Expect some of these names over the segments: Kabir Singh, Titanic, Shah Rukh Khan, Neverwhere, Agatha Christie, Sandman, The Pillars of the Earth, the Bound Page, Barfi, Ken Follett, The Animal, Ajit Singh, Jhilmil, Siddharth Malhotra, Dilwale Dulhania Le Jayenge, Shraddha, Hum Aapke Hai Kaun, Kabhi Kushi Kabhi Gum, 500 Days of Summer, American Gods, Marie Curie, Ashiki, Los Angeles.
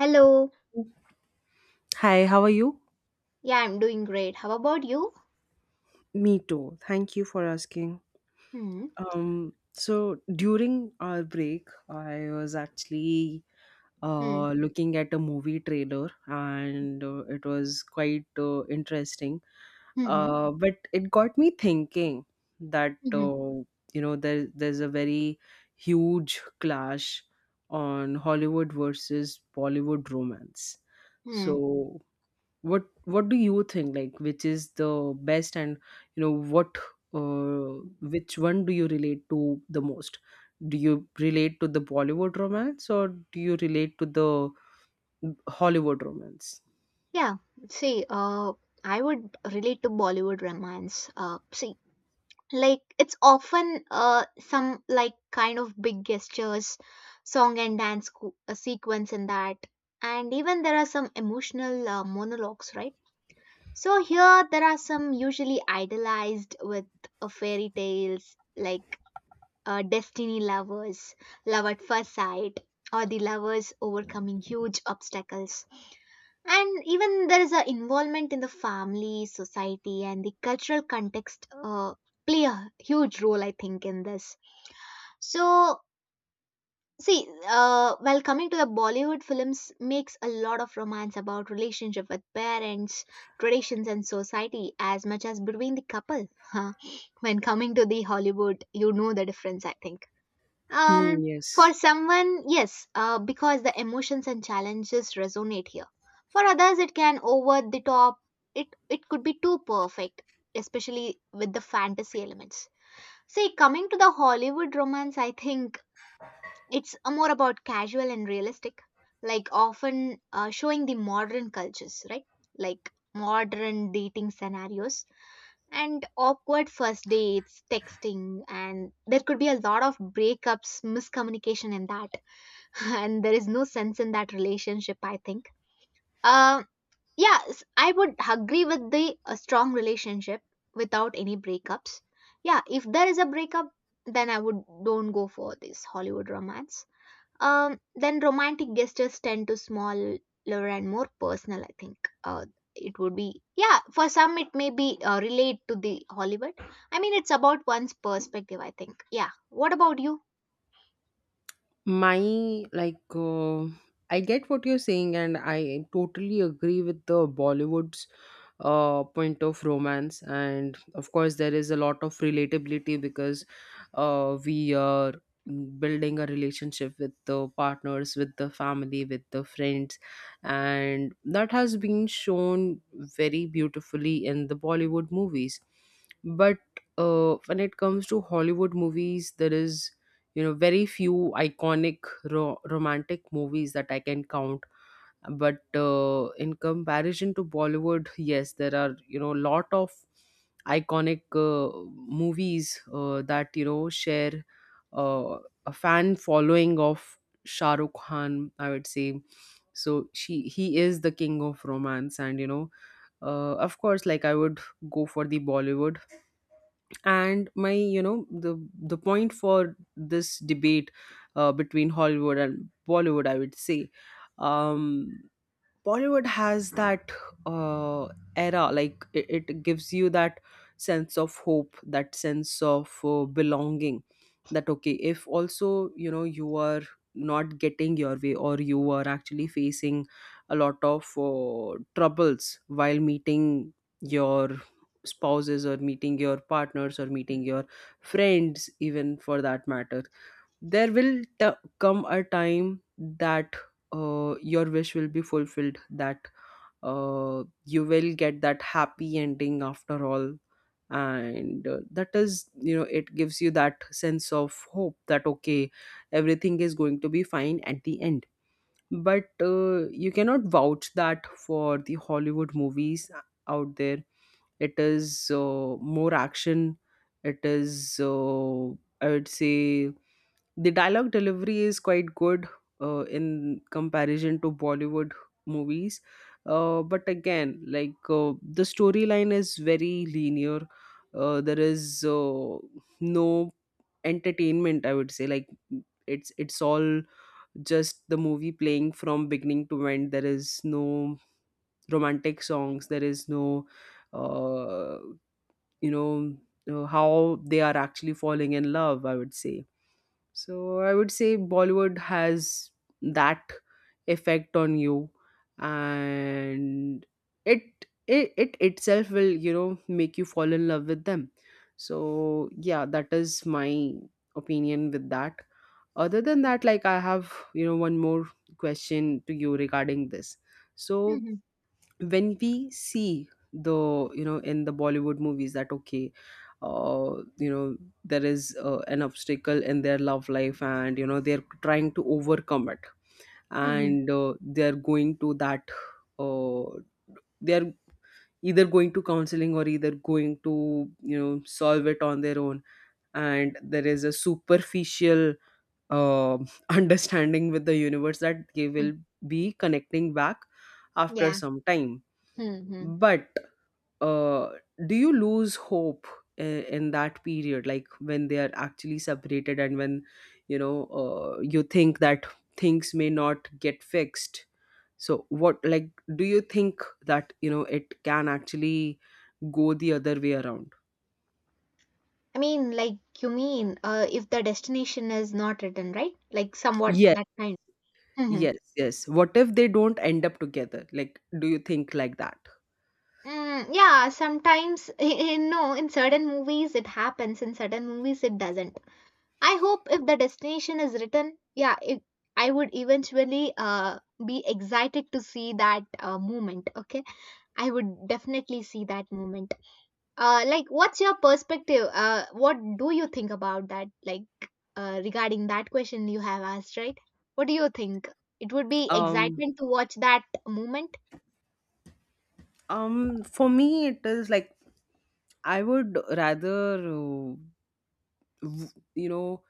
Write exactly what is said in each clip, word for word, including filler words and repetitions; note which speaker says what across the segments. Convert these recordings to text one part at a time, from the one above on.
Speaker 1: Hello.
Speaker 2: Hi, how are you?
Speaker 1: Yeah, I'm doing great. How about you?
Speaker 2: Me too. Thank you for asking.
Speaker 1: Hmm.
Speaker 2: Um, so during our break, I was actually
Speaker 1: Hmm.
Speaker 2: uh, looking at a movie trailer, and uh, it was quite uh, interesting.
Speaker 1: Hmm. Hmm.
Speaker 2: Uh, but it got me thinking that
Speaker 1: Hmm.
Speaker 2: uh, you know there there's a very huge clash on Hollywood versus Bollywood romance.
Speaker 1: Hmm.
Speaker 2: So what what do you think, like, which is the best, and you know what uh, which one do you relate to the most? Do you relate to the Bollywood romance, or do you relate to the Hollywood romance?
Speaker 1: Yeah. See, uh, I would relate to Bollywood romance. Uh, see, like it's often uh some like kind of big gestures, song and dance co- a sequence in that, and even there are some emotional uh, monologues, right? So here there are some usually idealized with uh, fairy tales like uh, destiny lovers, love at first sight, or the lovers overcoming huge obstacles. And even there is an involvement in the family, society, and the cultural context uh, play a huge role, I think, in this. So, see, uh, while coming to the Bollywood films, makes a lot of romance about relationship with parents, traditions, and society as much as between the couple. Huh. When coming to the Hollywood, you know the difference, I think,
Speaker 2: Hmm,
Speaker 1: um,
Speaker 2: yes.
Speaker 1: for someone, yes, uh, because the emotions and challenges resonate here. For others, it can over the top. It it could be too perfect, especially with the fantasy elements. See, coming to the Hollywood romance, I think it's uh, more about casual and realistic, like often uh, showing the modern cultures, right? Like modern dating scenarios and awkward first dates, texting, and there could be a lot of breakups, miscommunication in that. And there is no sense in that relationship, I think. Uh, yeah, I would agree with the a strong relationship without any breakups. Yeah, if there is a breakup, then I would don't go for this Hollywood romance. Um, then romantic gestures tend to smaller and more personal, I think. Uh, it would be, yeah, for some it may be uh, relate to the Hollywood. I mean, it's about one's perspective, I think. Yeah. What about you?
Speaker 2: My like uh, i get what you're saying, and I totally agree with the Bollywood's uh, point of romance, and of course there is a lot of relatability, because uh, we are building a relationship with the partners, with the family, with the friends, and that has been shown very beautifully in the Bollywood movies. But uh, when it comes to Hollywood movies, there is, you know, very few iconic ro- romantic movies that I can count. But uh, in comparison to Bollywood, yes, there are, you know, lot of iconic uh, movies uh, that, you know, share uh, a fan following of Shah Rukh Khan, I would say. So she he is the king of romance, and you know, uh, of course, like, I would go for the Bollywood. And my, you know, the the point for this debate uh, between Hollywood and Bollywood, I would say, um Bollywood has that uh, era, like, it, it gives you that sense of hope, that sense of uh, belonging. That okay, if also, you know, you are not getting your way, or you are actually facing a lot of uh, troubles while meeting your spouses, or meeting your partners, or meeting your friends, even for that matter, there will t- come a time that uh, your wish will be fulfilled, that uh, you will get that happy ending after all. And uh, that is, you know, it gives you that sense of hope that okay, everything is going to be fine at the end. But uh, you cannot vouch that for the Hollywood movies out there. It is uh, more action. It is uh, I would say the dialogue delivery is quite good uh, in comparison to Bollywood movies. Uh, but again, like, uh, the storyline is very linear. Uh, there is uh, no entertainment, I would say. Like, it's it's all just the movie playing from beginning to end. There is no romantic songs, there is no uh, you know uh, how they are actually falling in love, I would say. So I would say Bollywood has that effect on you, and it, it, it itself will, you know, make you fall in love with them. So yeah, that is my opinion with that. Other than that, like, I have, you know, one more question to you regarding this. So
Speaker 1: Mhm,
Speaker 2: when we see, the you know, in the Bollywood movies, that okay, uh you know there is uh, an obstacle in their love life, and you know, they're trying to overcome it,
Speaker 1: mhm,
Speaker 2: and uh, they're going to that uh, they're either going to counseling, or either going to, you know, solve it on their own. And there is a superficial uh, understanding with the universe that they
Speaker 1: mhm.
Speaker 2: will be connecting back after
Speaker 1: Yeah.
Speaker 2: some time.
Speaker 1: Mhm.
Speaker 2: But uh, do you lose hope in, in that period, like, when they are actually separated, and when, you know, uh, you think that things may not get fixed? So what, like, do you think that, you know, it can actually go the other way around?
Speaker 1: I mean, like you mean, uh, if the destination is not written, right? Like somewhat
Speaker 2: Yes.
Speaker 1: that kind. Mhm.
Speaker 2: Yes, yes, what if they don't end up together, like, do you think like that?
Speaker 1: Mm, yeah, sometimes, in, no, in certain movies it happens, in certain movies it doesn't. I hope if the destination is written, yeah, it, I would eventually uh, be excited to see that uh, moment. Okay, I would definitely see that moment. Uh, like, what's your perspective? Uh, what do you think about that? Like, uh, regarding that question you have asked, right? What do you think? It would be
Speaker 2: um
Speaker 1: excitement to watch that moment.
Speaker 2: um for me it is like, I would rather uh, v- you know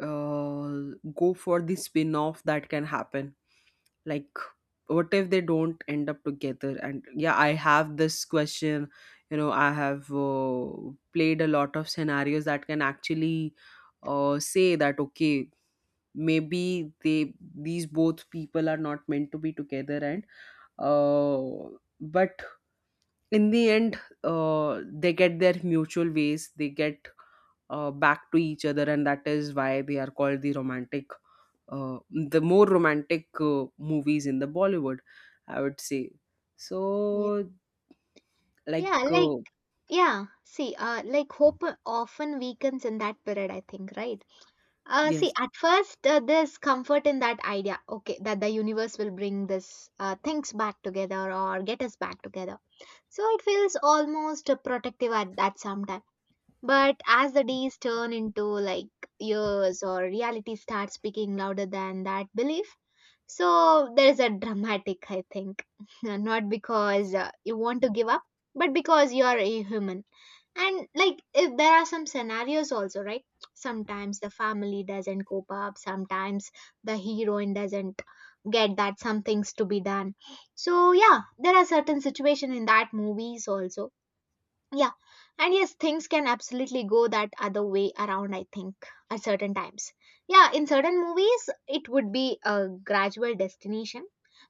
Speaker 2: uh, go for the spin off that can happen. Like, what if they don't end up together? And yeah, I have this question. You know, I have uh, played a lot of scenarios that can actually uh, say that okay, maybe they these both people are not meant to be together. And uh, but in the end, uh, they get their mutual ways, they get uh, back to each other, and that is why they are called the romantic uh, the more romantic uh, movies in the Bollywood, I would say.
Speaker 1: Yeah.
Speaker 2: So like
Speaker 1: Yeah, like
Speaker 2: uh,
Speaker 1: yeah. See, uh, like hope often weakens in that period. I think, right? Uh, see,
Speaker 2: yes.
Speaker 1: at first, uh, there's comfort in that idea, okay, that the universe will bring this uh, things back together or get us back together. So it feels almost uh, protective at that sometime. But as the days turn into like years or reality starts speaking louder than that belief, so there is a dramatic, I think, not because uh, you want to give up, but because you are a human. And like if there are some scenarios also, right, sometimes the family doesn't cope up, sometimes the heroine doesn't get that some things to be done. So yeah, there are certain situation in that movies also. Yeah, and yes, things can absolutely go that other way around, I think, at certain times. Yeah, in certain movies it would be a gradual destination,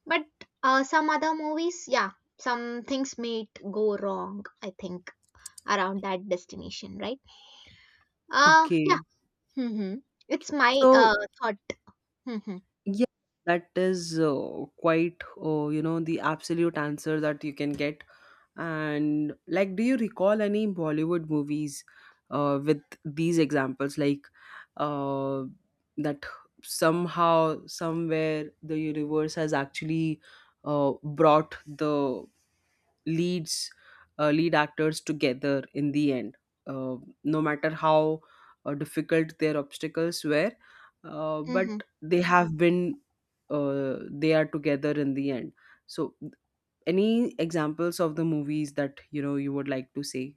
Speaker 1: but uh, some other movies, yeah, some things may go wrong, I think, around that destination, right? Uh, yeah.
Speaker 2: Okay.
Speaker 1: Hmm. It's my
Speaker 2: So
Speaker 1: uh, thought. Hmm.
Speaker 2: yeah, that is uh, quite, uh, you know, the absolute answer that you can get. And like, do you recall any Bollywood movies uh, with these examples? Like, uh, that somehow, somewhere, the universe has actually uh, brought the leads uh, lead actors together in the end, uh, no matter how uh, difficult their obstacles were, uh, but
Speaker 1: Hmm.
Speaker 2: they have been uh, they are together in the end. So any examples of the movies that, you know, you would like to see?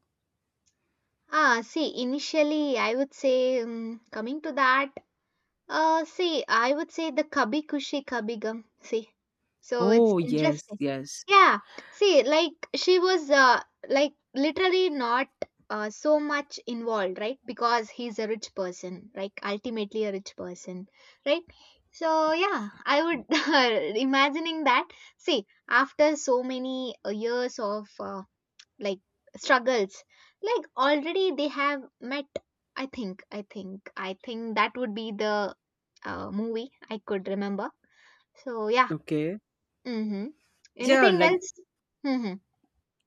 Speaker 1: Ah, see, initially, I would say, um, coming to that, Uh, see, I would say the Kabhi Kushi Kabhi Gum. See, so it's
Speaker 2: Oh yes,
Speaker 1: interesting.
Speaker 2: yes.
Speaker 1: Yeah, see, like she was uh, like literally not uh, so much involved, right? Because he's a rich person, like ultimately a rich person, right? So yeah, I would imagining that. See, after so many uh, years of uh, like struggles, like already they have met. I think i think i think that would be the uh, movie I could remember. So yeah.
Speaker 2: Okay.
Speaker 1: Mm-hmm.
Speaker 2: Yeah,
Speaker 1: Anything
Speaker 2: like
Speaker 1: else? Mm-hmm.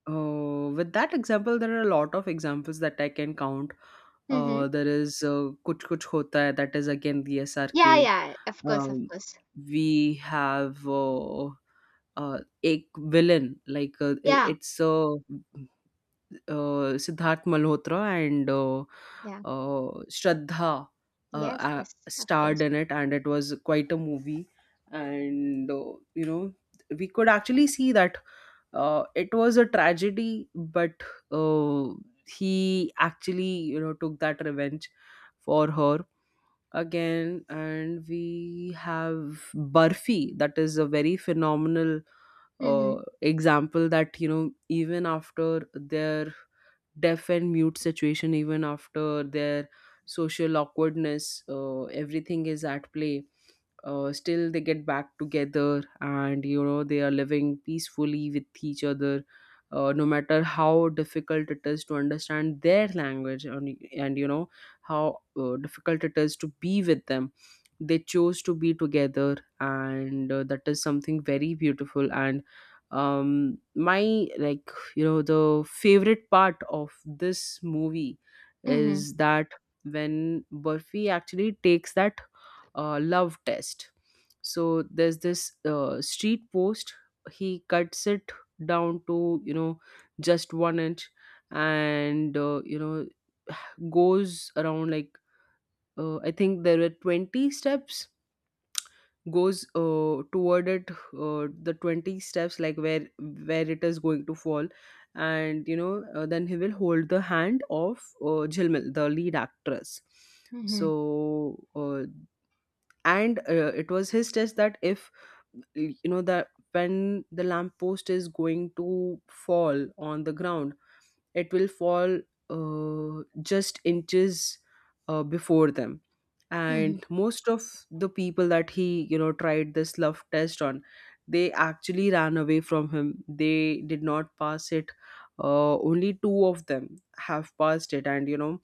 Speaker 2: uh, with that example, there are a lot of examples that I can count.
Speaker 1: Mm-hmm.
Speaker 2: Uh, there is uh, Kuch Kuch Hota Hai, that is again the
Speaker 1: Yeah,
Speaker 2: SRK.
Speaker 1: yeah, of course, of
Speaker 2: um,
Speaker 1: course.
Speaker 2: we have uh, uh, a villain, like uh, it-
Speaker 1: Yeah.
Speaker 2: it's uh, uh, Siddharth Malhotra and uh,
Speaker 1: Yeah.
Speaker 2: uh, Shraddha uh,
Speaker 1: Yes,
Speaker 2: uh,
Speaker 1: yes. Of course.
Speaker 2: starred in it, and it was quite a movie. And uh, you know, we could actually see that uh, it was a tragedy, but uh, he actually, you know, took that revenge for her. Again, and we have Barfi, that is a very phenomenal
Speaker 1: Mm-hmm.
Speaker 2: uh, example, that, you know, even after their deaf and mute situation, even after their social awkwardness, uh, everything is at play, uh, still they get back together, and you know, they are living peacefully with each other, uh, no matter how difficult it is to understand their language, and, and you know, how uh, difficult it is to be with them, they chose to be together, and uh, that is something very beautiful. And um my like you know, the favorite part of this movie
Speaker 1: Mm-hmm.
Speaker 2: is that when Burfi actually takes that uh, love test. So there's this uh, street post. He cuts it down to, you know, just one inch, and uh, you know, goes around like, uh, I think there were twenty steps. Goes uh, toward it, uh, the twenty steps, like, where where it is going to fall, and you know, uh, then he will hold the hand of uh, Jhilmil, the lead actress.
Speaker 1: Mm-hmm.
Speaker 2: So uh, and uh, it was his test that, if you know, that when the lamp post is going to fall on the ground, it will fall uh, just inches uh, before them.
Speaker 1: Mm-hmm.
Speaker 2: And most of the people that he, you know, tried this love test on, they actually ran away from him, they did not pass it. Uh, only two of them have passed it, and you know,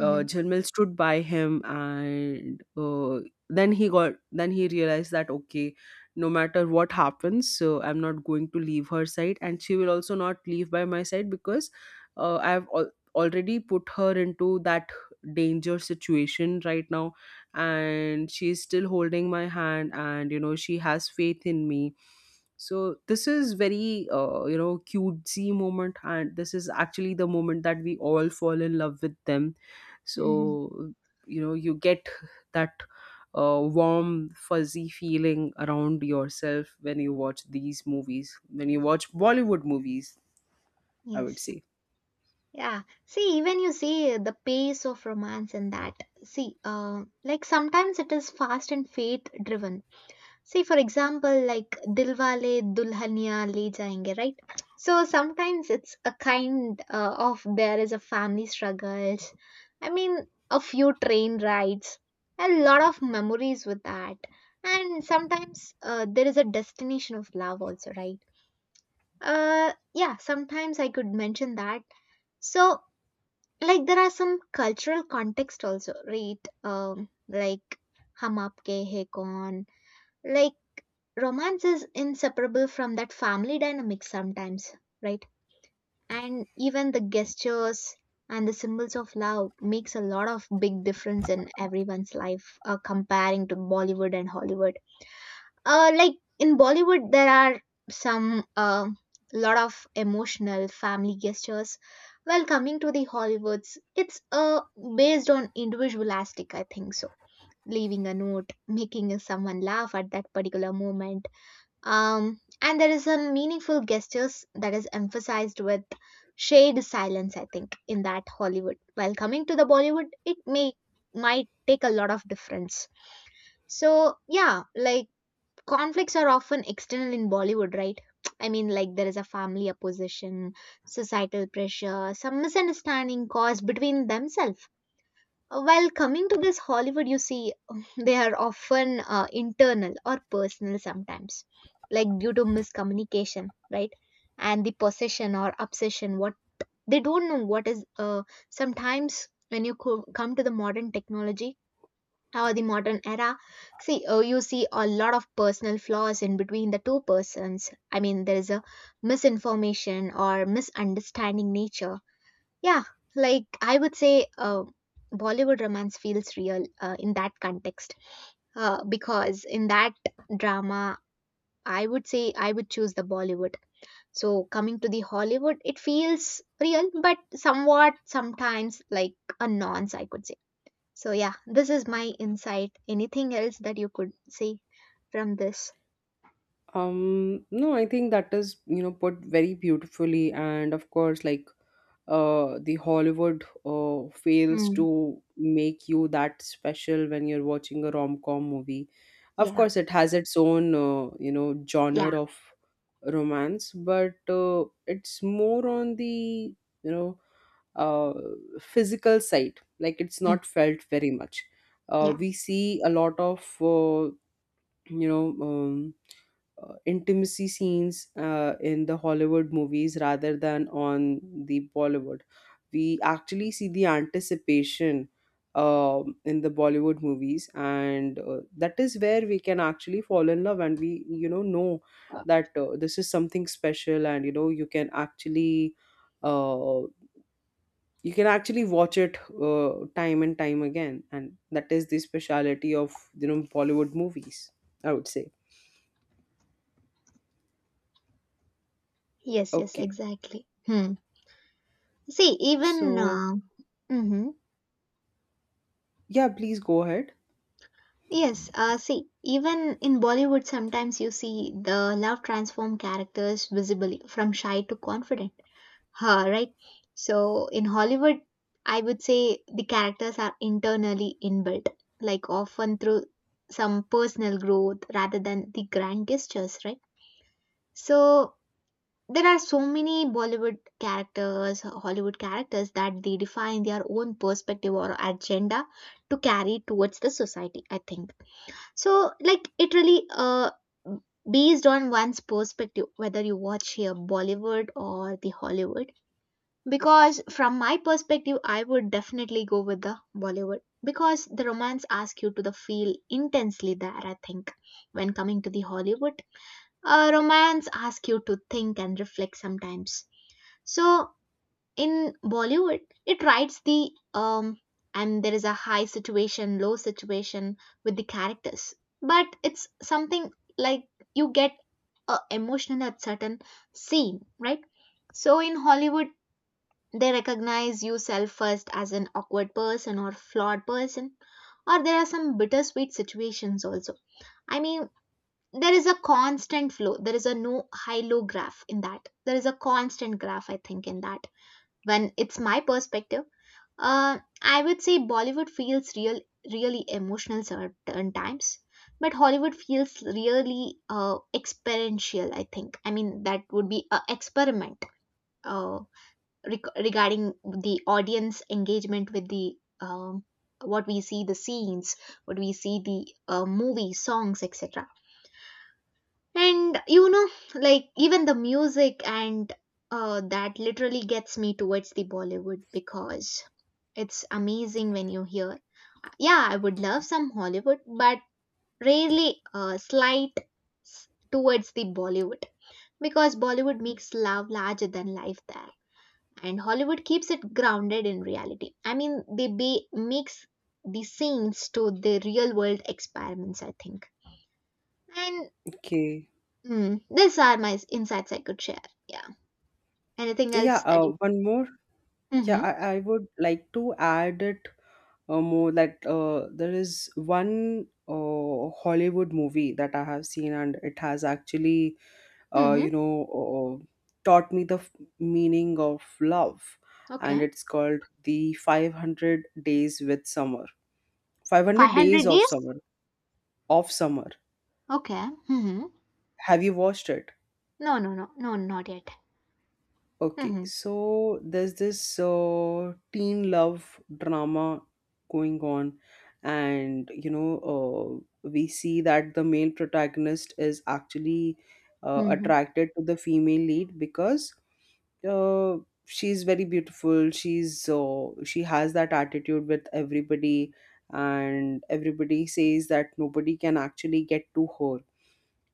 Speaker 2: uh, Jhilmil stood by him, and uh, then he got then he realized that okay, no matter what happens, so I'm not going to leave her side, and she will also not leave by my side, because uh, i've al- already put her into that danger situation right now, and she's still holding my hand, and you know, she has faith in me. So this is very uh, you know, cutesy moment, and this is actually the moment that we all fall in love with them.
Speaker 1: Mm-hmm.
Speaker 2: So you know, you get that uh, warm fuzzy feeling around yourself when you watch these movies, when you watch Bollywood movies, I would
Speaker 1: Yes.
Speaker 2: say.
Speaker 1: Yeah, see, even you see the pace of romance in that. See, uh, like sometimes it is fast and fate driven. See, for example, like Dilwale Dulhania Le Jayenge, right? So sometimes it's a kind uh, of there is a family struggles. I mean, a few train rides, a lot of memories with that, and sometimes uh, there is a destination of love also, right? Uh, yeah, sometimes I could mention that. So like there are some cultural context also, right? Um, like hum aapke hai kaun, like romance is inseparable from that family dynamic sometimes, right? And even the gestures and the symbols of love makes a lot of big difference in everyone's life, uh, comparing to Bollywood and Hollywood. Uh like in Bollywood there are some uh, lot of emotional family gestures. Well, coming to the Hollywoods, it's uh based on individualistic, I think. So leaving a note, making someone laugh at that particular moment, um, and there is some meaningful gestures that is emphasized with shade silence, I think, in that Hollywood. While coming to the Bollywood, it may might take a lot of difference. So yeah, like conflicts are often external in Bollywood, right? I mean, like there is a family opposition, societal pressure, some misunderstanding caused between themselves, uh, while coming to this Hollywood, you see, they are often uh, internal or personal sometimes, like due to miscommunication, right? And the possession or obsession, what they don't know what is. Uh, sometimes when you co- come to the modern technology or the modern era, see, uh, you see a lot of personal flaws in between the two persons. I mean, there is a misinformation or misunderstanding nature. Yeah, like I would say, uh, Bollywood romance feels real uh, in that context, uh, because in that drama, I would say I would choose the Bollywood. So coming to the Hollywood, it feels real, but somewhat sometimes like a nonce, I could say. So yeah, this is my insight. Anything else that you could say from this?
Speaker 2: Um, no, I think that is, you know, put very beautifully, and of course, like, uh, the Hollywood uh, fails
Speaker 1: Mm,
Speaker 2: to make you that special when you're watching a rom-com movie. Of
Speaker 1: yeah,
Speaker 2: course, it has its own uh, you know genre
Speaker 1: yeah,
Speaker 2: of romance, but uh, it's more on the, you know, uh, physical side. Like, it's
Speaker 1: mm,
Speaker 2: not felt very much. Uh,
Speaker 1: yeah.
Speaker 2: we see a lot of uh, you know. Um, uh, intimacy scenes uh, in the Hollywood movies rather than on the Bollywood. We actually see the anticipation um, in the Bollywood movies, and uh, that is where we can actually fall in love, and we, you know know
Speaker 1: Uh,
Speaker 2: that uh, this is something special, and you know, you can actually. Uh, you can actually watch it uh, time and time again, and that is the speciality of, you know, Bollywood movies, I would say.
Speaker 1: Yes, yes,
Speaker 2: Okay.
Speaker 1: exactly. Hmm. See, even
Speaker 2: So
Speaker 1: uh, mhm.
Speaker 2: yeah, please go ahead.
Speaker 1: Yes, uh, see, even in Bollywood, sometimes you see the love transform characters visibly from shy to confident, huh, right? So in Hollywood, I would say the characters are internally inbuilt, like often through some personal growth rather than the grand gestures, right? So there are so many Bollywood characters, Hollywood characters that they define their own perspective or agenda to carry towards the society, I think. So, like, it really uh based on one's perspective, whether you watch here Bollywood or the Hollywood. Because from my perspective, I would definitely go with the Bollywood because the romance asks you to the feel intensely there. I think when coming to the Hollywood, uh, romance asks you to think and reflect sometimes. So in Bollywood, it writes the um and there is a high situation, low situation with the characters. But it's something like you get uh, emotional at certain scene, right? So in Hollywood, they recognize you self first as an awkward person or flawed person, or there are some bittersweet situations also. I mean, there is a constant flow. There is a no high low graph in that. There is a constant graph, I think, in that. When it's my perspective, uh, I would say Bollywood feels real, really emotional certain times, but Hollywood feels really uh, experiential. I think. I mean, that would be a experiment uh, reg- regarding the audience engagement with the um, what we see the scenes, what we see the uh, movie songs, et cetera. And you know, like even the music and uh, that literally gets me towards the Bollywood because it's amazing when you hear. Yeah, I would love some Hollywood, but rarely uh, slight s- towards the Bollywood, because Bollywood makes love larger than life there, and Hollywood keeps it grounded in reality. I mean, they be- mix the scenes to the real world experiments. I think. And
Speaker 2: Okay.
Speaker 1: mm, these are my s- insights I could share. Yeah. Anything
Speaker 2: Yeah,
Speaker 1: else that
Speaker 2: uh,
Speaker 1: you?
Speaker 2: one more. Yeah,
Speaker 1: Mm-hmm.
Speaker 2: I, I would like to add it uh, more that uh, there is one uh, Hollywood movie that I have seen, and it has actually, uh,
Speaker 1: Mm-hmm.
Speaker 2: you know, uh, taught me the f- meaning of love. And
Speaker 1: Okay.
Speaker 2: it's called The five hundred Days with Summer.
Speaker 1: Five
Speaker 2: five hundred Days
Speaker 1: hundred
Speaker 2: of
Speaker 1: days.
Speaker 2: Summer. Of Summer.
Speaker 1: Okay. Mm-hmm.
Speaker 2: Have you watched it?
Speaker 1: No, no, no, no, not yet.
Speaker 2: Okay,
Speaker 1: Mm-hmm.
Speaker 2: so there's this uh, teen love drama going on, and you know, uh, we see that the male protagonist is actually uh,
Speaker 1: Mm-hmm.
Speaker 2: attracted to the female lead because uh, she's very beautiful. She's uh, she has that attitude with everybody, and everybody says that nobody can actually get to her,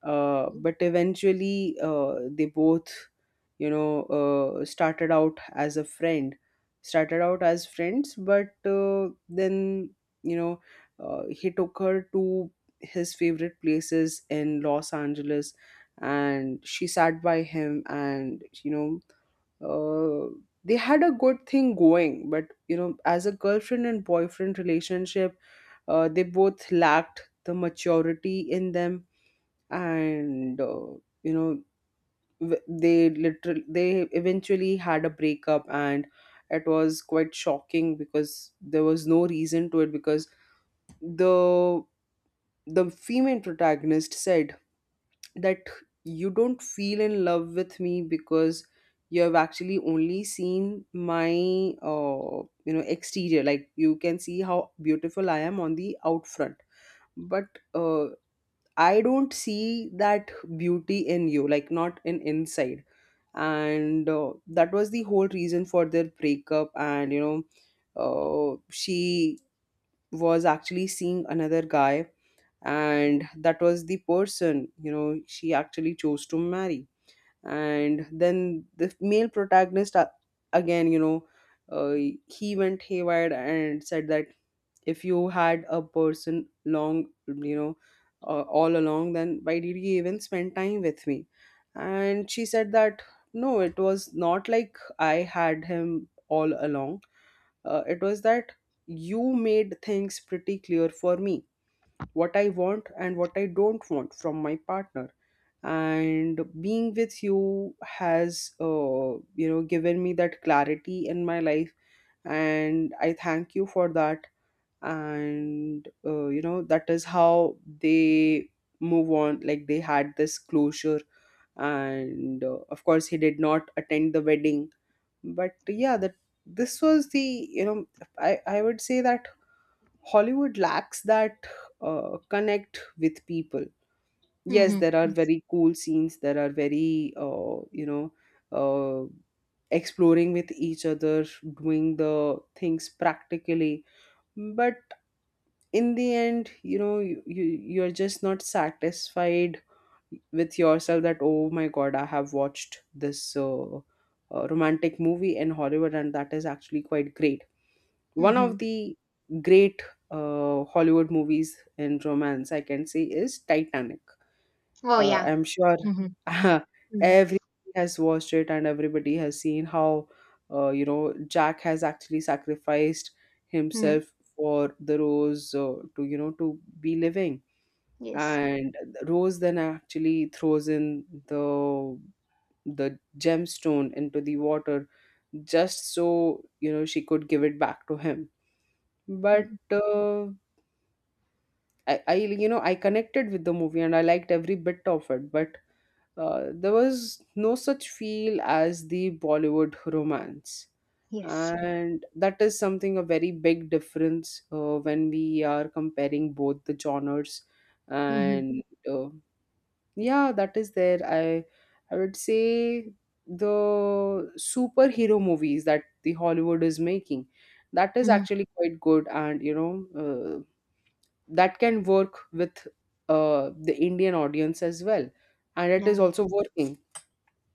Speaker 2: uh, but eventually uh, they both you know uh, started out as a friend started out as friends, but uh, then, you know uh, he took her to his favorite places in Los Angeles. And she sat by him, and you know uh, they had a good thing going, but you know, as a girlfriend and boyfriend relationship, uh, they both lacked the maturity in them. And uh, you know w- they literally, they eventually had a breakup, and it was quite shocking because there was no reason to it, because the the female protagonist said that you don't feel in love with me because you have actually only seen my uh, you know exterior. Like, you can see how beautiful I am on the out front, but uh, I don't see that beauty in you, like not in inside. And uh, that was the whole reason for their breakup. And, you know, uh, she was actually seeing another guy, and that was the person, you know, she actually chose to marry. And then the male protagonist, uh, again, you know, uh, he went haywire and said that if you had a person long, you know uh, all along, then why did he even spend time with me? And she said that no, it was not like I had him all along. Uh, it was that you made things pretty clear for me, what I want and what I don't want from my partner. And being with you has, uh, you know given me that clarity in my life, and I thank you for that. And uh, you know, that is how they move on. Like, they had this closure, and uh, of course, he did not attend the wedding. But yeah, that, this was the, you know i i would say that Hollywood lacks that uh, connect with people. Yes,
Speaker 1: Mm-hmm.
Speaker 2: there are
Speaker 1: Yes.
Speaker 2: very cool scenes, there are very uh, you know uh, exploring with each other, doing the things practically. But in the end, you know, you, you you're just not satisfied with yourself, that oh my god, I have watched this uh, uh, romantic movie in Hollywood and that is actually quite great. One of
Speaker 1: Mm-hmm.
Speaker 2: the great uh, Hollywood movies in romance, I can say, is Titanic.
Speaker 1: Oh
Speaker 2: uh,
Speaker 1: yeah.
Speaker 2: I'm sure
Speaker 1: Mm-hmm. Mm-hmm.
Speaker 2: everybody has watched it, and everybody has seen how, uh, you know, Jack has actually sacrificed
Speaker 1: Mm-hmm.
Speaker 2: himself for the Rose, uh, to, you know, to be living.
Speaker 1: Yes.
Speaker 2: And Rose then actually throws in the the gemstone into the water, just so, you know, she could give it back to him. But
Speaker 1: Mm-hmm.
Speaker 2: uh, I, I, you know, I connected with the movie and I liked every bit of it. But uh, there was no such feel as the Bollywood romance.
Speaker 1: Yes.
Speaker 2: And that is something, a very big difference uh, when we are comparing both the genres.
Speaker 1: Mm-hmm.
Speaker 2: And uh, yeah, that is there. I I would say the superhero movies that the Hollywood is making, that is
Speaker 1: Mm-hmm.
Speaker 2: actually quite good, and you know, uh, that can work with uh, the Indian audience as well, and it
Speaker 1: Yeah.
Speaker 2: is also working.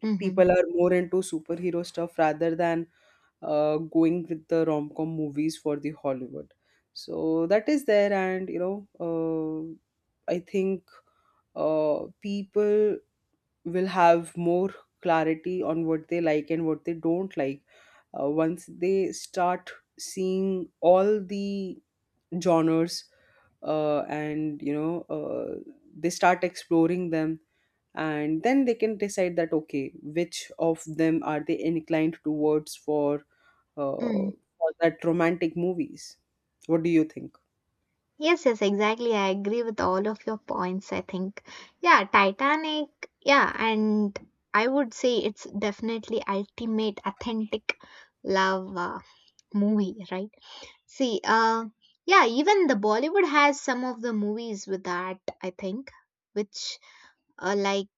Speaker 1: Mm-hmm.
Speaker 2: People are more into superhero stuff rather than uh, going with the rom-com movies for the Hollywood. So that is there, and you know, uh, I think uh, people will have more clarity on what they like and what they don't like, uh, once they start seeing all the genres, uh, and you know uh, they start exploring them. And then they can decide that okay, which of them are they inclined towards for, uh,
Speaker 1: Mm-hmm.
Speaker 2: for that romantic movies. What do you think?
Speaker 1: Yes, yes, exactly. I agree with all of your points. I think, yeah, Titanic, yeah, and I would say it's definitely ultimate authentic love uh, movie, right? See, uh, yeah, even the Bollywood has some of the movies with that, I think, which uh, like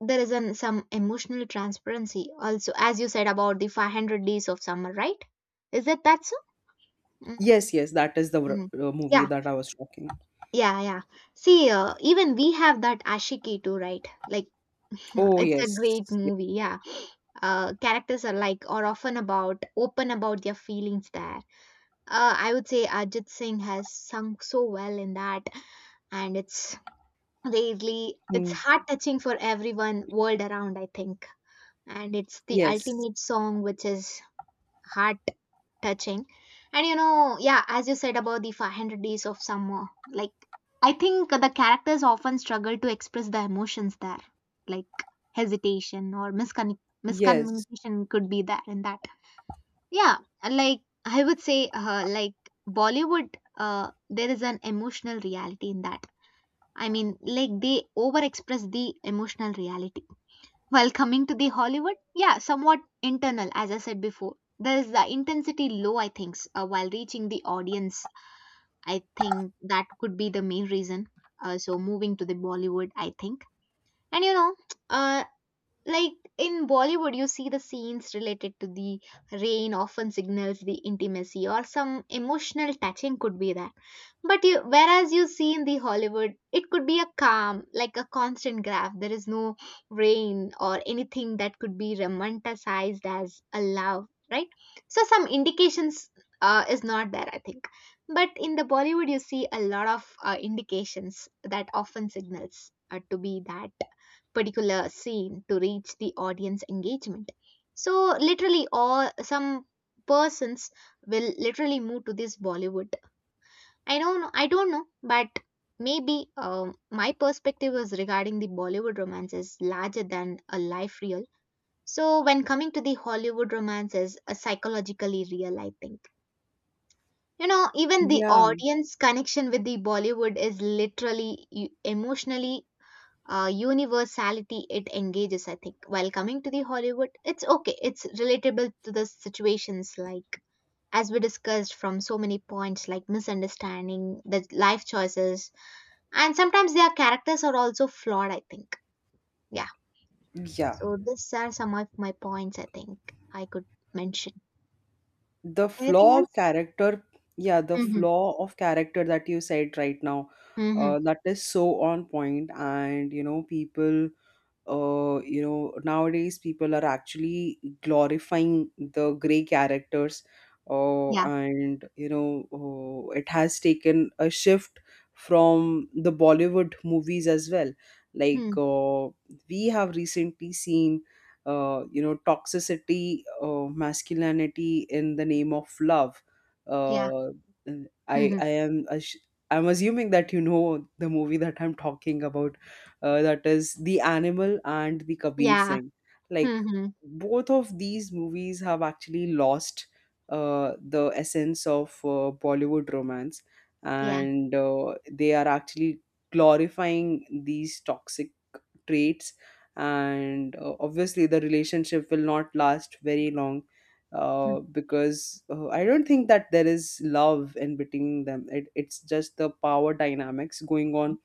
Speaker 1: there is an, some emotional transparency also, as you said about the five hundred days of summer, right? Is it that so? Mm,
Speaker 2: Yes, yes, that is the r-
Speaker 1: mm.
Speaker 2: uh, movie
Speaker 1: Yeah,
Speaker 2: that I was talking.
Speaker 1: yeah, yeah. See, uh, even we have that Ashiki too, right? Like,
Speaker 2: Oh
Speaker 1: it's a
Speaker 2: yes.
Speaker 1: great
Speaker 2: Yeah.
Speaker 1: movie. Yeah. Uh, characters are like, or often about, open about their feelings there. Uh, I would say Ajit Singh has sung so well in that, and it's really, it's
Speaker 2: Mm.
Speaker 1: heart touching for everyone world around, I think. And it's the
Speaker 2: Yes,
Speaker 1: ultimate song, which is heart touching. And you know, yeah, as you said about the five hundred days of summer, like I think the characters often struggle to express the emotions there, like hesitation or miscon-
Speaker 2: yes.
Speaker 1: miscommunication could be there in that. Yeah, like I would say, uh, like Bollywood, uh, there is an emotional reality in that. I mean, like they overexpress the emotional reality. While coming to the Hollywood, yeah, somewhat internal, as I said before. There is the intensity low, I think, uh, while reaching the audience. I think that could be the main reason. Uh, so moving to the Bollywood, I think. And you know, uh, like in Bollywood, you see the scenes related to the rain often signals the intimacy or some emotional touching could be that. But you, whereas you see in the Hollywood, it could be a calm, like a constant graph. There is no rain or anything that could be romanticized as a love, right? So some indications uh, is not there, I think. But in the Bollywood, you see a lot of uh, indications that often signals uh, to be that particular scene to reach the audience engagement. So literally all some persons will literally move to this Bollywood. I don't know I don't know, but maybe um, my perspective was regarding the Bollywood romances larger than a life real. So when coming to the Hollywood romances, a psychologically real, I think. You know, even the
Speaker 2: Yeah.
Speaker 1: audience connection with the Bollywood is literally e- emotionally uh, universality it engages, I think. While coming to the Hollywood, it's okay, it's relatable to the situations, like as we discussed from so many points, like misunderstanding the life choices, and sometimes their characters are also flawed, I think. Yeah.
Speaker 2: Yeah,
Speaker 1: So these are some of my points, I think, I could mention.
Speaker 2: the
Speaker 1: Anything
Speaker 2: flaw of
Speaker 1: else?
Speaker 2: character. Yeah, the
Speaker 1: Mm-hmm.
Speaker 2: flaw of character that you said right now,
Speaker 1: Mm-hmm.
Speaker 2: uh, that is so on point. And you know, people, uh, you know, nowadays people are actually glorifying the gray characters, uh,
Speaker 1: Yeah.
Speaker 2: and you know, uh, it has taken a shift from the Bollywood movies as well.
Speaker 1: Hmm.
Speaker 2: Like, uh, we have recently seen uh, you know, toxicity, uh, masculinity in the name of love.
Speaker 1: Yeah.
Speaker 2: uh, i
Speaker 1: Mm-hmm.
Speaker 2: i am ass- I'm assuming that you know the movie that I'm talking about, uh, that is The Animal and the Kabir
Speaker 1: Yeah.
Speaker 2: Singh. Like,
Speaker 1: Mm-hmm.
Speaker 2: both of these movies have actually lost uh, the essence of uh, Bollywood romance,
Speaker 1: Yeah.
Speaker 2: and uh, they are actually glorifying these toxic traits. And uh, obviously, the relationship will not last very long. Uh, because uh, I don't think that there is love in between them. It, it's just the power dynamics going on.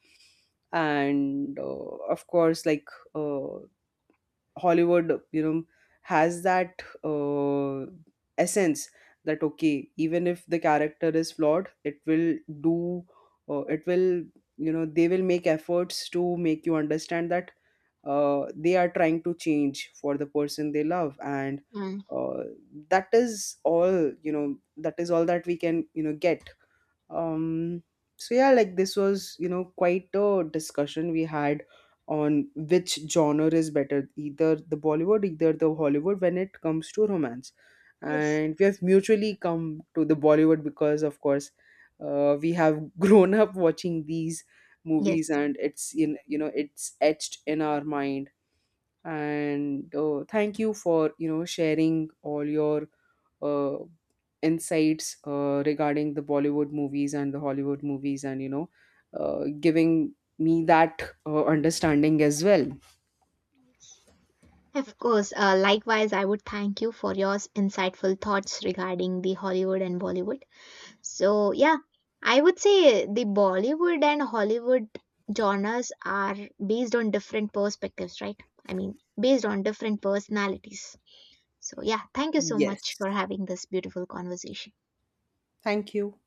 Speaker 2: And uh, of course, like, uh, Hollywood, you know, has that uh, essence, that okay, even if the character is flawed, it will do, uh, it will, you know, they will make efforts to make you understand that uh, they are trying to change for the person they love. And
Speaker 1: Mm-hmm.
Speaker 2: uh, that is all, you know, that is all that we can, you know, get. um, so yeah, like this was, you know, quite a discussion we had on which genre is better, either the Bollywood, either the Hollywood, when it comes to romance.
Speaker 1: Yes,
Speaker 2: And we have mutually come to the Bollywood because, of course, uh, we have grown up watching these movies,
Speaker 1: yes.
Speaker 2: and it's in, you know, it's etched in our mind. And uh, thank you for, you know, sharing all your uh, insights uh, regarding the Bollywood movies and the Hollywood movies. And you know, uh, giving me that uh, understanding as well.
Speaker 1: Yes. Of course, uh, likewise, I would thank you for your insightful thoughts regarding the Hollywood and Bollywood. So, yeah, I would say the Bollywood and Hollywood genres are based on different perspectives, right? I mean, based on different personalities. So, yeah, thank you so much
Speaker 2: Yes.
Speaker 1: for having this beautiful conversation.
Speaker 2: Thank you.